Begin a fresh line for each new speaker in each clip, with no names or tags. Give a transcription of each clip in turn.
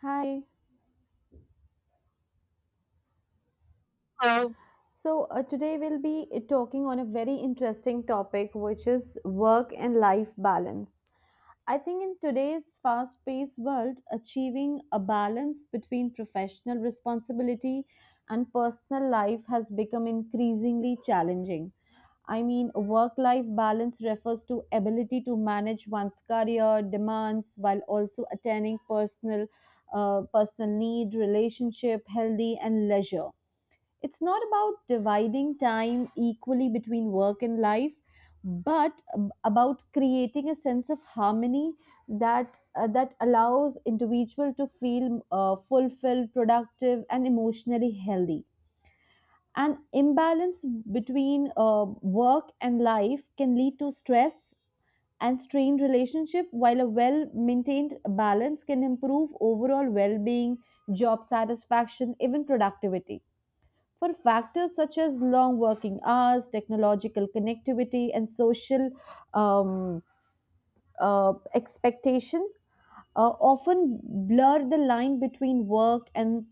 Hi.
So,
So today we'll be talking on a very interesting topic, which is work and life balance. I think in today's fast paced world, achieving a balance between professional responsibility and personal life has become increasingly challenging. I mean, work life balance refers to ability to manage one's career demands while also attaining personal need, relationship, healthy and leisure. It's not about dividing time equally between work and life, but about creating a sense of harmony that allows individual to feel fulfilled, productive, and emotionally healthy. An imbalance between work and life can lead to stress and strained relationship, while a well-maintained balance can improve overall well-being, job satisfaction, even productivity for factors such as long working hours, technological connectivity, and social um, expectation often blur the line between work and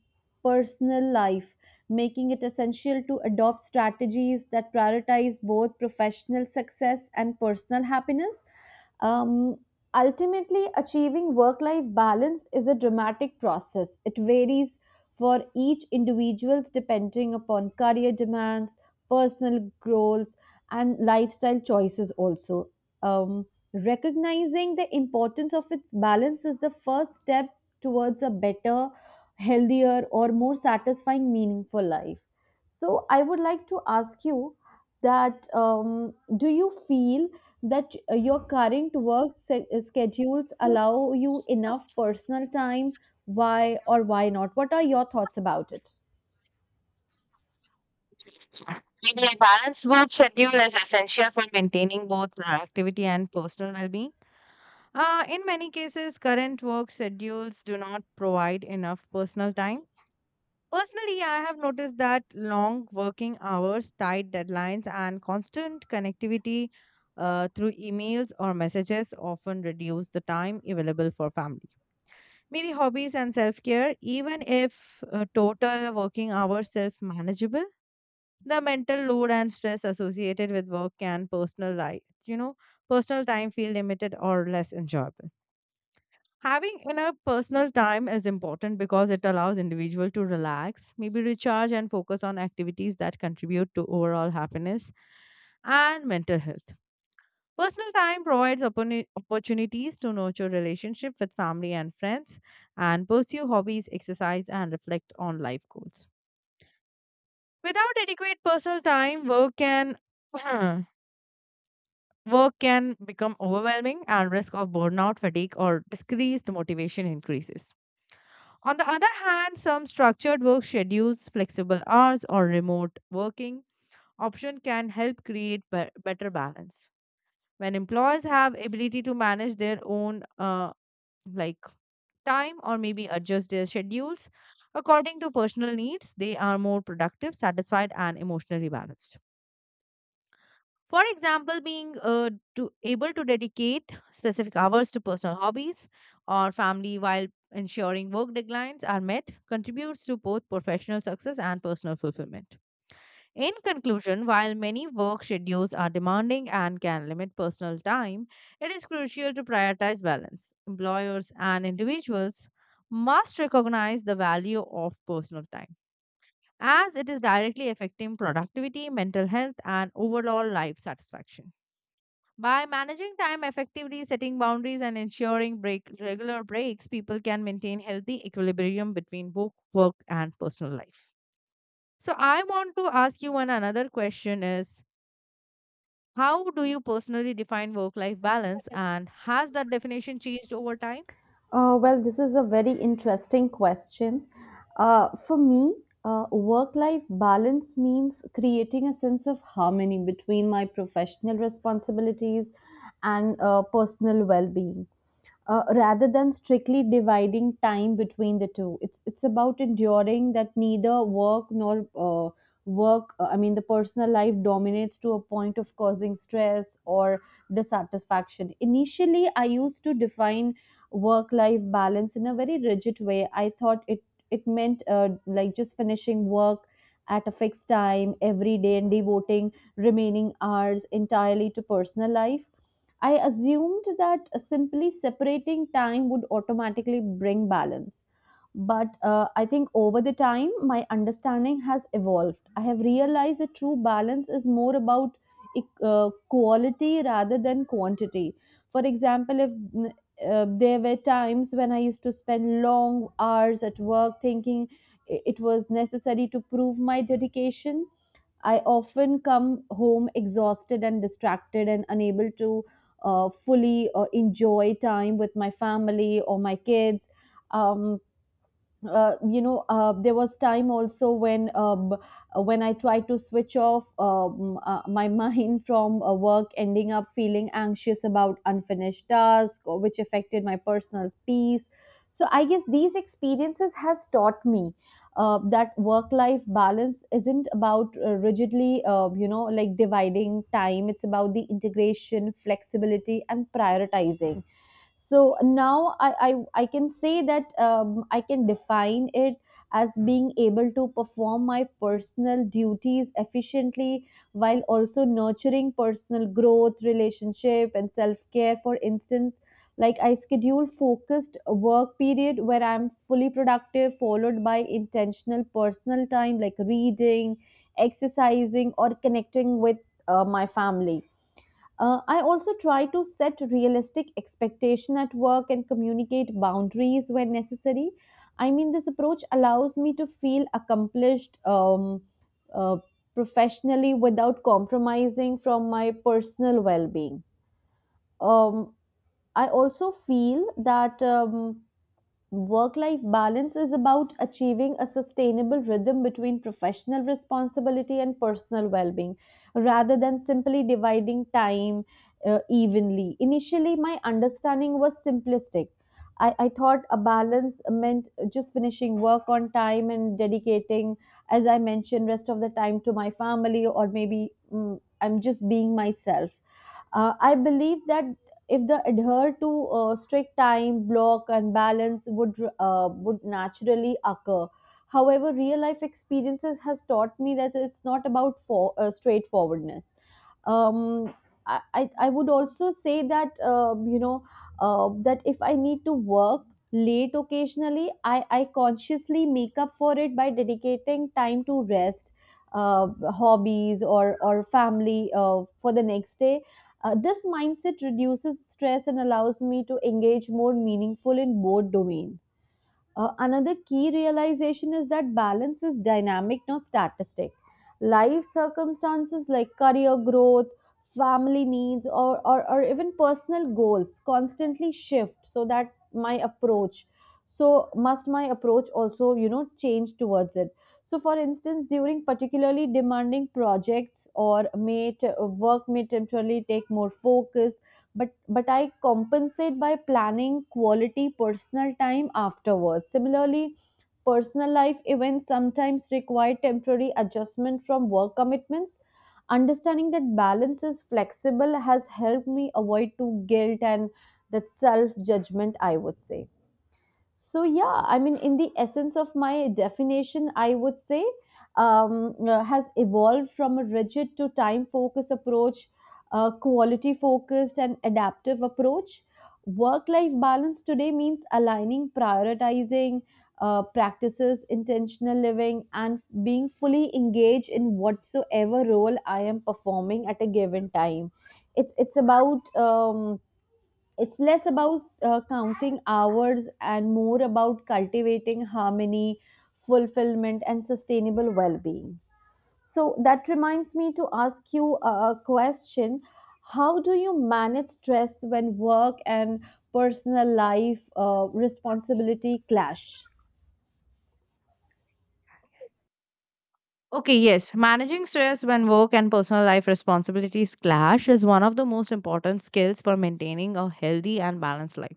personal life, making it essential to adopt strategies that prioritize both professional success and personal happiness. Um, Ultimately, achieving work life balance is a dramatic process. It varies for each individual's depending upon career demands, personal goals, and lifestyle choices also. Um, Recognizing the importance of its balance is the first step towards a better, healthier, or more satisfying, meaningful life. So, I would like to ask you that do you feel that your current schedules allow you enough personal time? Why or why not? What are your thoughts about it?
maybe a balanced work schedule is essential for maintaining both productivity and personal well-being. In many cases, current work schedules do not provide enough personal time. Personally, I have noticed that long working hours, tight deadlines, and constant connectivity through emails or messages often reduce the time available for family. Maybe hobbies and self care, even if total working hours self manageable, the mental load and stress associated with work can personal life, you know personal time feel limited or less enjoyable. Having enough personal time is important because it allows individual to relax, maybe recharge, and focus on activities that contribute to overall happiness and mental health. Personal time provides opportunities to nurture relationship with family and friends, and pursue hobbies, exercise, and reflect on life goals. Without adequate personal time, work can work can become overwhelming, and risk of burnout, fatigue, or decreased motivation increases. On the other hand, some structured work schedules, flexible hours, or remote working option can help create better balance. When employees have ability to manage their own like time, or maybe adjust their schedules according to personal needs, they are more productive, satisfied, and emotionally balanced. For example, being to able to dedicate specific hours to personal hobbies or family while ensuring work deadlines are met contributes to both professional success and personal fulfillment. In conclusion, while many work schedules are demanding and can limit personal time, it is crucial to prioritize balance. Employers and individuals must recognize the value of personal time as it is directly affecting productivity, mental health, and overall life satisfaction. By managing time effectively, setting boundaries, and ensuring regular breaks, people can maintain healthy equilibrium between both work and personal life. So, I want to ask you one another question is, how do you personally define work life balance, and has that definition changed over time?
Well, this is a very interesting question. For me, work life balance means creating a sense of harmony between my professional responsibilities and personal well being, rather than strictly dividing time between the two. It's about enduring that neither work nor work I mean the personal life dominates to a point of causing stress or dissatisfaction. Initially I used to define work life balance in a very rigid way. I thought it meant like just finishing work at a fixed time every day and devoting remaining hours entirely to personal life. I assumed that simply separating time would automatically bring balance. But I think over the time, my understanding has evolved. I have realized that true balance is more about quality rather than quantity. For example, if mm, there were times when I used to spend long hours at work thinking it was necessary to prove my dedication. I often come home exhausted and distracted and unable to fully enjoy time with my family or my kids. Um, there was time also when I tried to switch off my mind from work, ending up feeling anxious about unfinished tasks, or which affected my personal peace. So I guess these experiences has taught me that work-life balance isn't about rigidly, like dividing time. It's about the integration, flexibility, and prioritizing. So now I can say that I can define it as being able to perform my personal duties efficiently while also nurturing personal growth relationship and self care. For instance, like I schedule focused work period where I'm fully productive, followed by intentional personal time like reading, exercising, or connecting with my family. I also try to set realistic expectation at work and communicate boundaries when necessary. I mean, this approach allows me to feel accomplished uh, professionally without compromising from my personal well-being. Um, I also feel that work life balance is about achieving a sustainable rhythm between professional responsibility and personal well being rather than simply dividing time evenly. Initially, my understanding was simplistic. I thought a balance meant just finishing work on time and dedicating, as I mentioned, rest of the time to my family, or I'm just being myself. I believe that if they adhere to strict time block and balance would naturally occur. However, real life experiences has taught me that it's not about for straightforwardness. Um, I, I I would also say that that if I need to work late occasionally, I consciously make up for it by dedicating time to rest, uh, hobbies or family for the next day. This mindset reduces stress and allows me to engage more meaningful in both domains. Another key realization is that balance is dynamic, not statistic. Life circumstances like career growth, family needs, or even personal goals constantly shift. So must my approach also, you know, change towards it. So, for instance, during particularly demanding projects or work may temporarily take more focus, but I compensate by planning quality personal time afterwards. Similarly, personal life events sometimes require temporary adjustment from work commitments. Understanding that balance is flexible has helped me avoid too guilt and that self judgment, I would say. So, yeah, I mean, in the essence of my definition, I would say, has evolved from a rigid to time focused approach, quality focused, and adaptive approach. Work life balance today means aligning, prioritizing practices, intentional living, and being fully engaged in whatsoever role I am performing at a given time. It's about it's less about counting hours and more about cultivating harmony, fulfillment, and sustainable well being. So that reminds me to ask you a question. How do you manage stress when work and personal life responsibility clash?
Okay, yes. Managing stress when work and personal life responsibilities clash is one of the most important skills for maintaining a healthy and balanced life.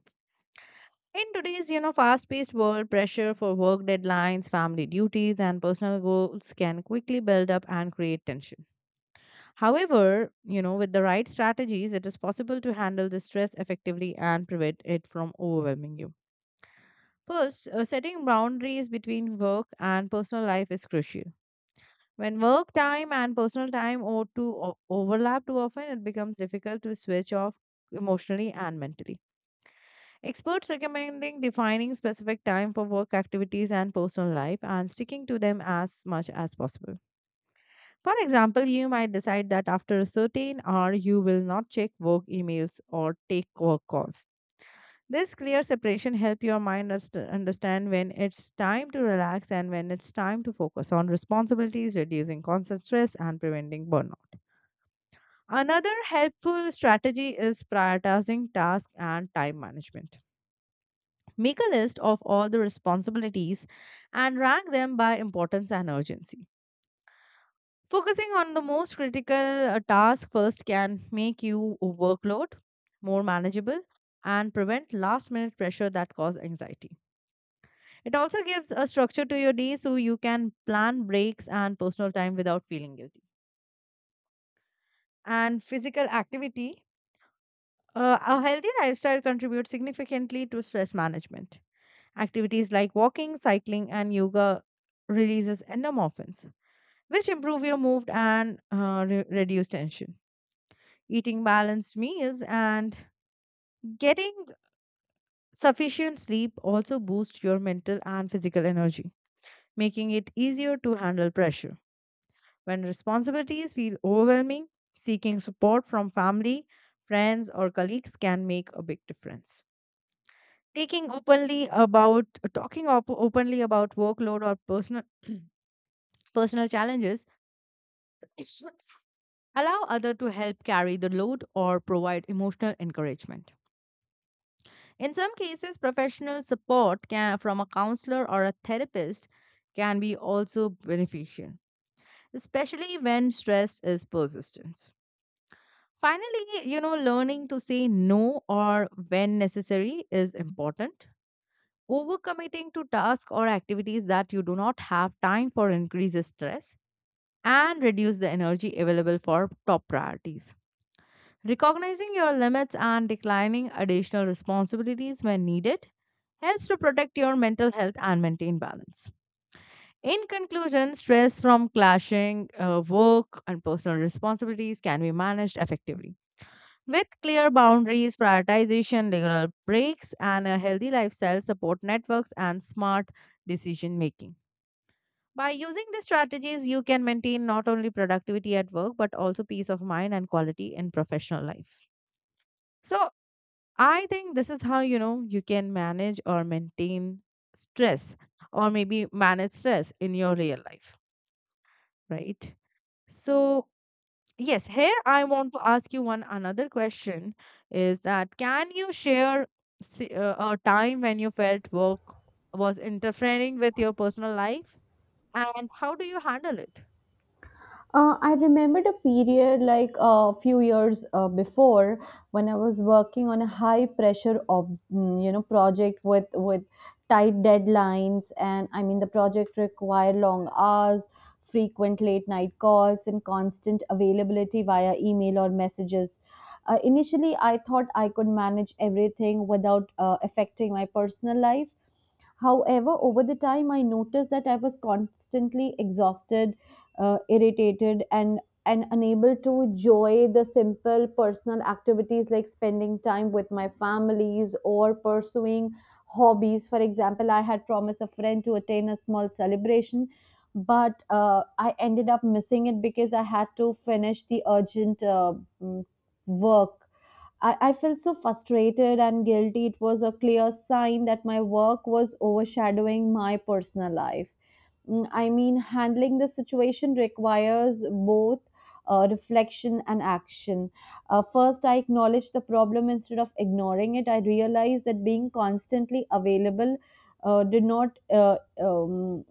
In today's, you know, fast-paced world, pressure for work deadlines, family duties, and personal goals can quickly build up and create tension. However, you know, with the right strategies, it is possible to handle the stress effectively and prevent it from overwhelming you. First, setting boundaries between work and personal life is crucial. When work time and personal time or to overlap too often, it becomes difficult to switch off emotionally and mentally. Experts recommending defining specific time for work activities and personal life, and sticking to them as much as possible. For example, you might decide that after a certain hour you will not check work emails or take work calls. This clear separation helps your mind understand when it's time to relax and when it's time to focus on responsibilities, reducing constant stress and preventing burnout. Another helpful strategy is prioritizing tasks and time management. Make a list of all the responsibilities and rank them by importance and urgency. Focusing on the most critical task first can make your workload more manageable and prevent last minute pressure that cause anxiety. It also gives a structure to your day so you can plan breaks and personal time without feeling guilty. And physical activity. A healthy lifestyle contributes significantly to stress management. Activities like walking, cycling, and yoga releases endorphins, which improve your mood and reduce tension. Eating balanced meals and getting sufficient sleep also boost your mental and physical energy, making it easier to handle pressure. When responsibilities feel overwhelming, seeking support from family, friends, or colleagues can make a big difference. Taking openly about openly about workload or personal challenges allow other to help carry the load or provide emotional encouragement. In some cases, professional support can, from a counselor or a therapist, can be also beneficial, especially when stress is persistent. Finally, you know, learning to say no or when necessary is important. Overcommitting to tasks or activities that you do not have time for increases stress and reduce the energy available for top priorities. Recognizing your limits and declining additional responsibilities when needed helps to protect your mental health and maintain balance. In conclusion, stress from clashing work and personal responsibilities can be managed effectively. With clear boundaries, prioritization, regular breaks, and a healthy lifestyle, support networks, and smart decision making. By using these strategies, you can maintain not only productivity at work but also peace of mind and quality in professional life. So, I think this is how you know you can manage or maintain stress, or maybe manage stress in your real life, right? So, yes, here I want to ask you one another question is that, can you share a time when you felt work was interfering with your personal life, and how do you handle it?
I remembered a period like a few years before when I was working on a high pressure of you know, project with tight deadlines. And I mean the project required long hours, frequent late night calls, and constant availability via email or messages. Initially, I thought I could manage everything without affecting my personal life. However, over the time, I noticed that I was constantly exhausted, irritated, and unable to enjoy the simple personal activities like spending time with my families or pursuing hobbies. For example, I had promised a friend to attend a small celebration, but I ended up missing it because I had to finish the urgent mm, work. I felt so frustrated and guilty. It was a clear sign that my work was overshadowing my personal life. I mean, handling the situation requires both reflection and action. First, I acknowledge the problem instead of ignoring it. I realize that being constantly available did not um,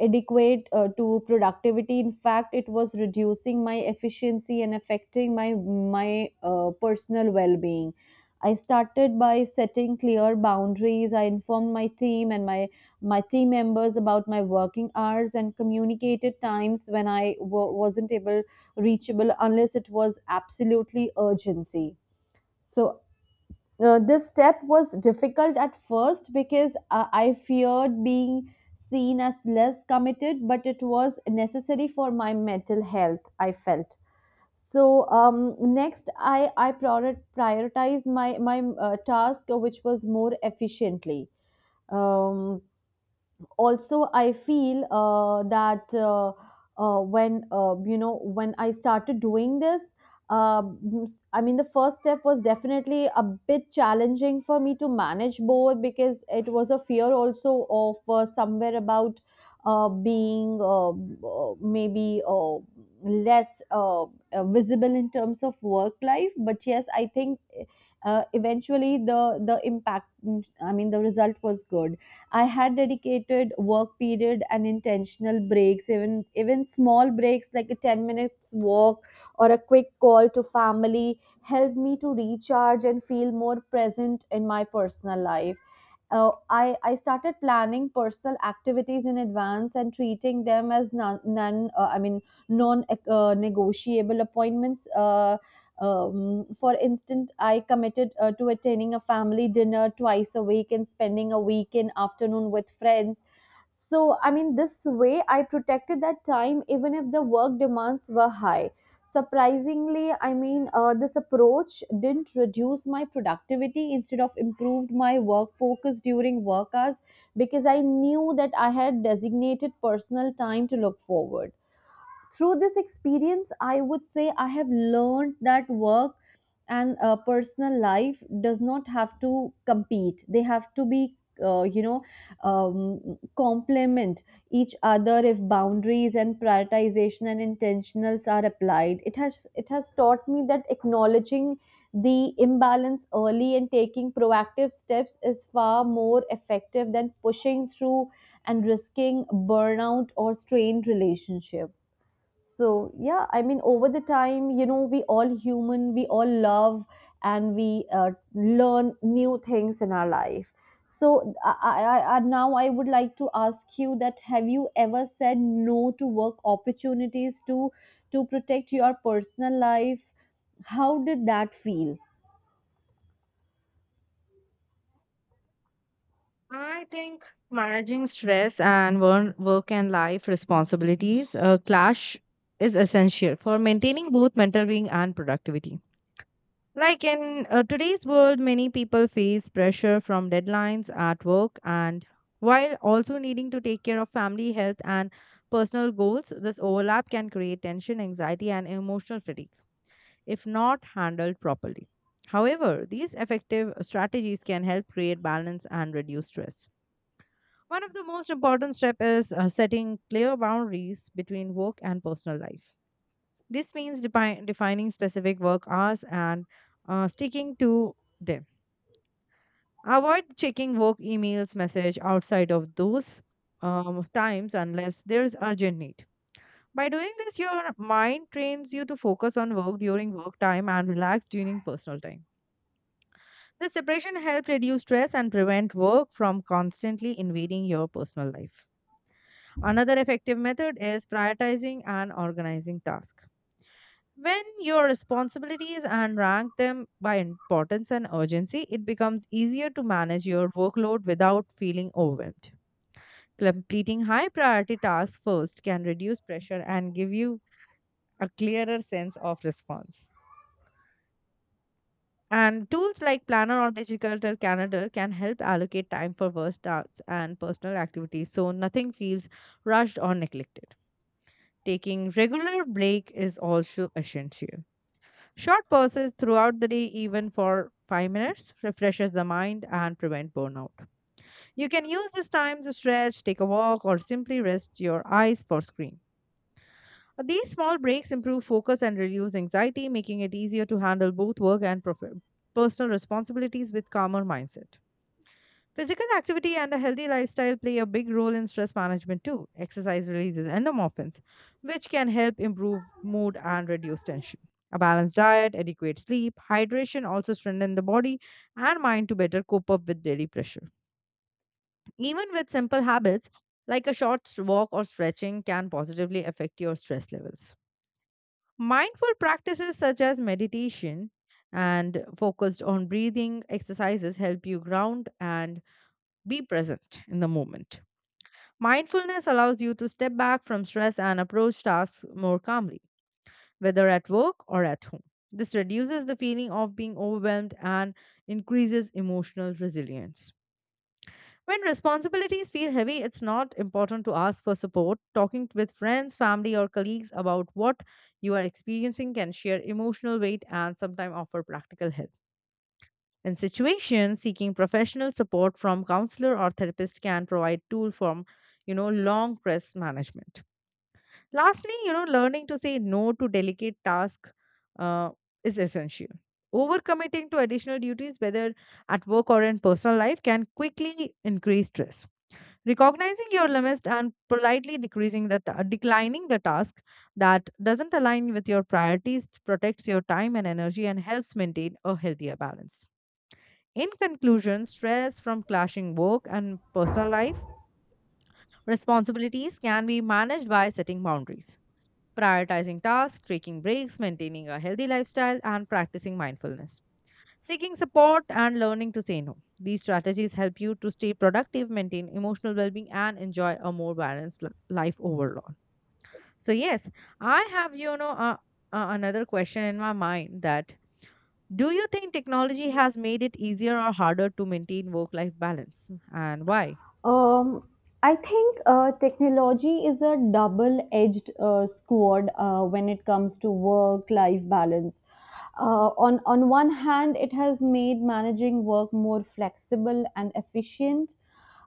adequate to productivity. In fact, it was reducing my efficiency and affecting my personal well-being. I started by setting clear boundaries. I informed my team and my team members about my working hours and communicated times when I wasn't able reachable unless it was absolutely urgency. So this step was difficult at first because I feared being seen as less committed, but it was necessary for my mental health. I felt so. Next I prioritize my task which was more efficiently. um, Also I feel that when you know, when I started doing this, uh, I mean the first step was definitely a bit challenging for me to manage both, because it was a fear also of somewhere about being maybe less visible in terms of work life. But yes, I think eventually the impact, I mean the result, was good. I had dedicated work period and intentional breaks, even small breaks like a 10 minutes walk or a quick call to family helped me to recharge and feel more present in my personal life. I started planning personal activities in advance and treating them as non, non I mean non negotiable appointments. For instance, I committed to attending a family dinner twice a week and spending a weekend afternoon with friends. So, I mean, this way I protected that time even if the work demands were high. Surprisingly, I mean, this approach didn't reduce my productivity, instead of improved my work focus during work hours because I knew that I had designated personal time to look forward. Through this experience I would say I have learned that work and personal life does not have to compete. They have to be, uh, you know complement each other, if boundaries and prioritization and intentionals are applied. It has taught me that acknowledging the imbalance early and taking proactive steps is far more effective than pushing through and risking burnout or strained relationship. So, yeah, I mean, over the time, you know, we all human, we all love, and we learn new things in our life. So, now I would like to ask you that have you ever said no to work opportunities to protect your personal life? How did that feel?
I think managing stress and work and life responsibilities clash is essential for maintaining both mental being and productivity. Like in today's world, many people face pressure from deadlines at work and while also needing to take care of family health and personal goals, this overlap can create tension, anxiety, and emotional fatigue if not handled properly. However, these effective strategies can help create balance and reduce stress. One of the most important steps is setting clear boundaries between work and personal life. This means defining specific work hours and sticking to them. Avoid checking work emails message outside of those times unless there's urgent need. By doing this, your mind trains you to focus on work during work time and relax during personal time. This separation helps reduce stress and prevent work from constantly invading your personal life. Another effective method is prioritizing and organizing tasks. When your responsibilities and rank them by importance and urgency, it becomes easier to manage your workload without feeling overwhelmed. Completing high priority tasks first can reduce pressure and give you a clearer sense of response. And tools like Planner or Digital Calendar can help allocate time for work tasks and personal activities so nothing feels rushed or neglected. Taking regular break is also essential. Short pauses throughout the day, even for 5 minutes, refreshes the mind and prevent burnout. You can use this time to stretch, take a walk, or simply rest your eyes for screen. These small breaks improve focus and reduce anxiety, making it easier to handle both work and personal responsibilities with calmer mindset. Physical activity and a healthy lifestyle play a big role in stress management too. Exercise releases endorphins, which can help improve mood and reduce tension. A balanced diet, adequate sleep, hydration also strengthen the body and mind to better cope up with daily pressure. Even with simple habits like a short walk or stretching can positively affect your stress levels. Mindful practices such as meditation and focused on breathing exercises help you ground and be present in the moment. Mindfulness allows you to step back from stress and approach tasks more calmly, whether at work or at home. This reduces the feeling of being overwhelmed and increases emotional resilience. When responsibilities feel heavy, it's not important to ask for support. Talking with friends, family, or colleagues about what you are experiencing can share emotional weight and sometimes offer practical help. In situations, seeking professional support from counselor or therapist can provide tool from, you know, long stress management. Lastly, you know, learning to say no to delicate tasks uh, is essential. Overcommitting to additional duties, whether at work or in personal life, can quickly increase stress. Recognizing your limits and politely declining the task that doesn't align with your priorities protects your time and energy and helps maintain a healthier balance. In conclusion, stress from clashing work and personal life responsibilities can be managed by setting boundaries, prioritizing tasks, taking breaks, maintaining a healthy lifestyle, and practicing mindfulness, seeking support, and learning to say no. These strategies help you to stay productive, maintain emotional well being, and enjoy a more balanced life overall. So, yes, I have, you know, another question in my mind that, do you think technology has made it easier or harder to maintain work life balance, and why?
Um, I think technology is a double edged sword when it comes to work life balance. On one hand, it has made managing work more flexible and efficient.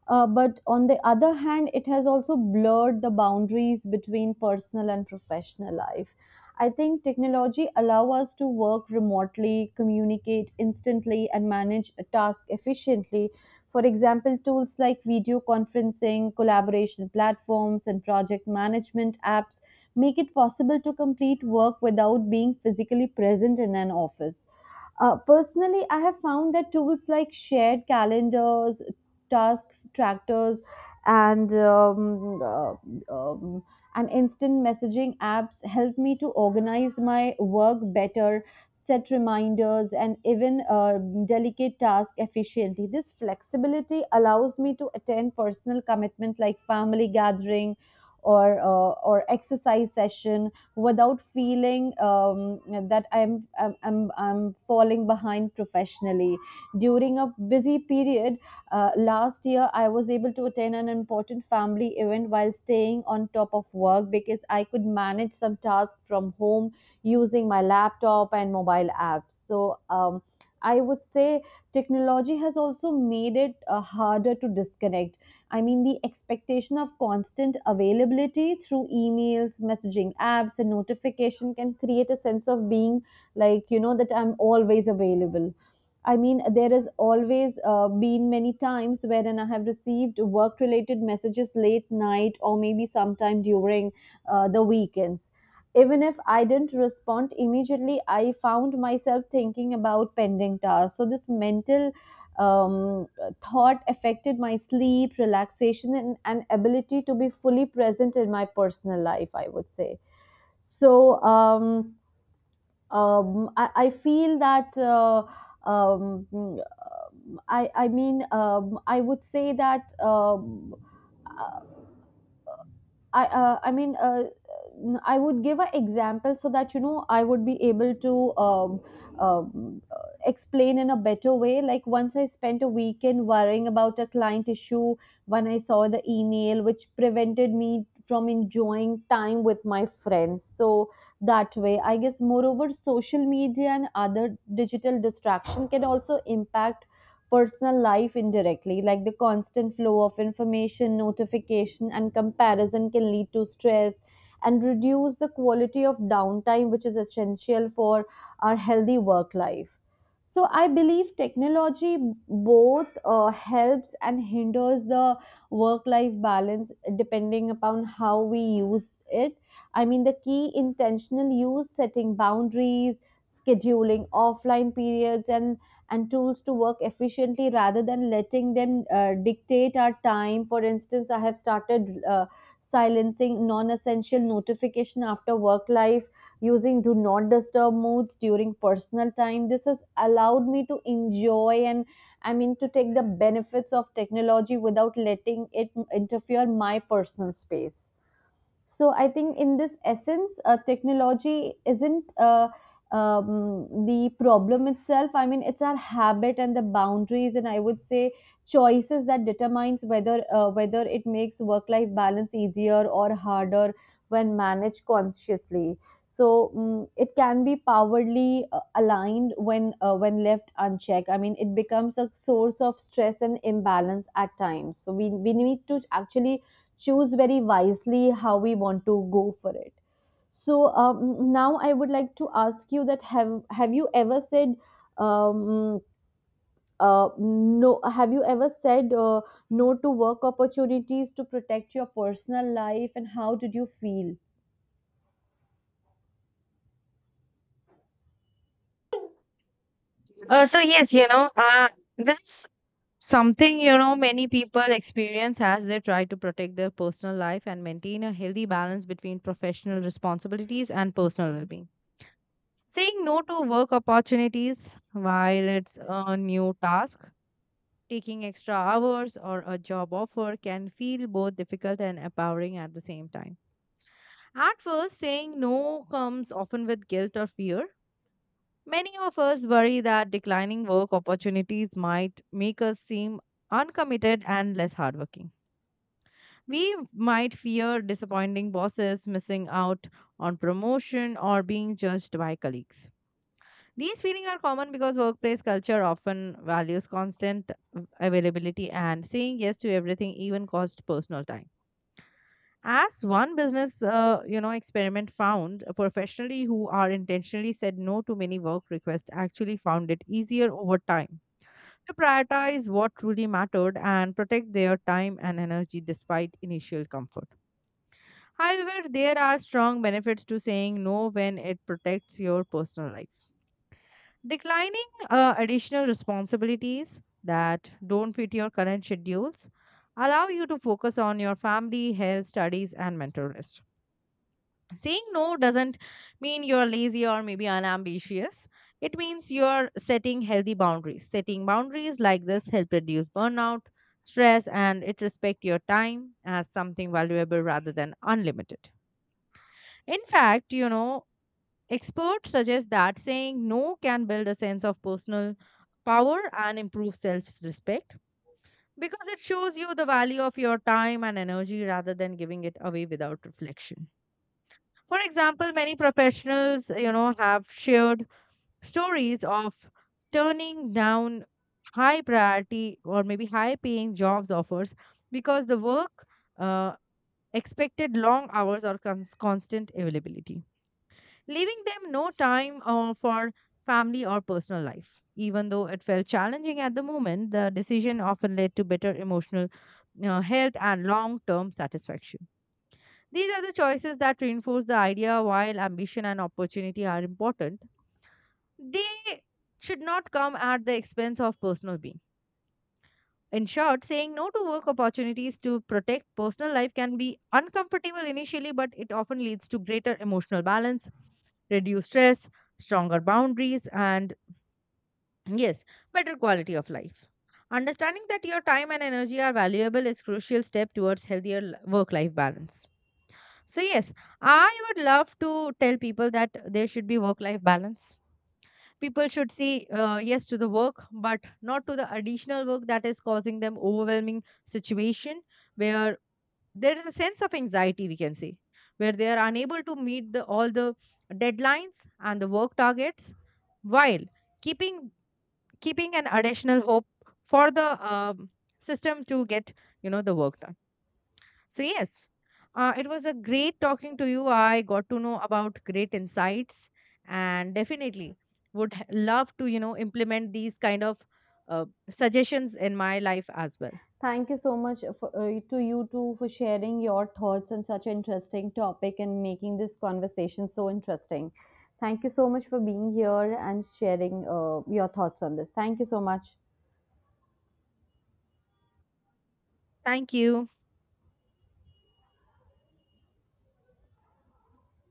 But on the other hand, it has also blurred the boundaries between personal and professional life. I think technology allow us to work remotely, communicate instantly, and manage a task efficiently, for example, tools like video conferencing, collaboration platforms, and project management apps make it possible to complete work without being physically present in an office. Personally, I have found that tools like shared calendars, task trackers, and um, uh, um, and instant messaging apps help me to organize my work better, set reminders, and even delicate tasks efficiently. This flexibility allows me to attend personal commitment like family gathering or exercise session without feeling that I'm falling behind professionally. During a busy period last year, I was able to attend an important family event while staying on top of work because I could manage some tasks from home using my laptop and mobile apps. So I would say technology has also made it harder to disconnect. I mean, the expectation of constant availability through emails, messaging apps, and notification can create a sense of being, like, you know, that I'm always available. I mean, there has always been many times wherein I have received work related messages late night or maybe sometime during the weekends. Even if I didn't respond immediately, I found myself thinking about pending tasks. So this mental um, thought affected my sleep, relaxation, and ability to be fully present in my personal life, I would say. so um, I feel that um, mm, I mean, I would say that, I mean, I would give an example so that you know I would be able to um, uh, explain in a better way. Like once I spent a weekend worrying about a client issue when I saw the email, which prevented me from enjoying time with my friends. So that way, I guess moreover, social media and other digital distraction can also impact personal life indirectly, like the constant flow of information, notification, and comparison can lead to stress and reduce the quality of downtime, which is essential for our healthy work life. So, I believe technology both helps and hinders the work life balance depending upon how we use it. I mean, the key intentional use, setting boundaries, scheduling offline periods, and tools to work efficiently rather than letting them dictate our time. For instance, I have started uh, silencing non-essential notification after work life, using do not disturb modes during personal time. This has allowed me to enjoy and, I mean, to take the benefits of technology without letting it interfere my personal space. So I think in this essence, technology isn't the problem itself. I mean, it's our habit and the boundaries, and I would say choices that determines whether whether it makes work life balance easier or harder when managed consciously. So it can be powerfully aligned when when left unchecked. I mean, it becomes a source of stress and imbalance at times. So we need to actually choose very wisely how we want to go for it. So now I would like to ask you that have you ever said um, no? Have you ever said no to work opportunities to protect your personal life, and how did you feel?
So yes, you know, this something, you know, many people experience as they try to protect their personal life and maintain a healthy balance between professional responsibilities and personal well being. Saying no to work opportunities while it's a new task, taking extra hours or a job offer can feel both difficult and empowering at the same time. At first, saying no comes often with guilt or fear. Many of us worry that declining work opportunities might make us seem uncommitted and less hardworking. We might fear disappointing bosses, missing out on promotion, or being judged by colleagues. These feelings are common because workplace culture often values constant availability and saying yes to everything, even cost personal time. As one business, you know, experiment found, professionally who are intentionally said no to many work requests actually found it easier over time to prioritize what truly mattered and protect their time and energy despite initial comfort. However, there are strong benefits to saying no when it protects your personal life. Declining additional responsibilities that don't fit your current schedules allow you to focus on your family, health, studies, and mental rest. Saying no doesn't mean you're lazy or maybe unambitious. It means you're setting healthy boundaries. Setting boundaries like this help reduce burnout, stress, and it respect your time as something valuable rather than unlimited. In fact, you know, experts suggest that saying no can build a sense of personal power and improve self respect because it shows you the value of your time and energy rather than giving it away without reflection. For example, many professionals, you know, have shared stories of turning down high priority or maybe high paying jobs offers because the work uh, expected long hours or constant availability, leaving them no time for family or personal life. Even though it felt challenging at the moment, the decision often led to better emotional health and long term satisfaction. These are the choices that reinforce the idea while ambition and opportunity are important, they should not come at the expense of personal being. In short, saying no to work opportunities to protect personal life can be uncomfortable initially, but it often leads to greater emotional balance, reduced stress, stronger boundaries, and yes, better quality of life. Understanding that your time and energy are valuable is crucial step towards healthier work life balance. So yes, I would love to tell people that there should be work life balance. People should say yes to the work, but not to the additional work that is causing them overwhelming situation where there is a sense of anxiety we can say, where they are unable to meet the all the deadlines and the work targets while keeping keeping an additional hope for the system to get, you know, the work done. So, yes, it was a great talking to you. I got to know about great insights and definitely would love to, you know, implement these kind of suggestions in my life as well.
Thank you so much for, to you too for sharing your thoughts on such an interesting topic and making this conversation so interesting. Thank you so much for being here and sharing your thoughts on this. Thank you so much.
Thank you.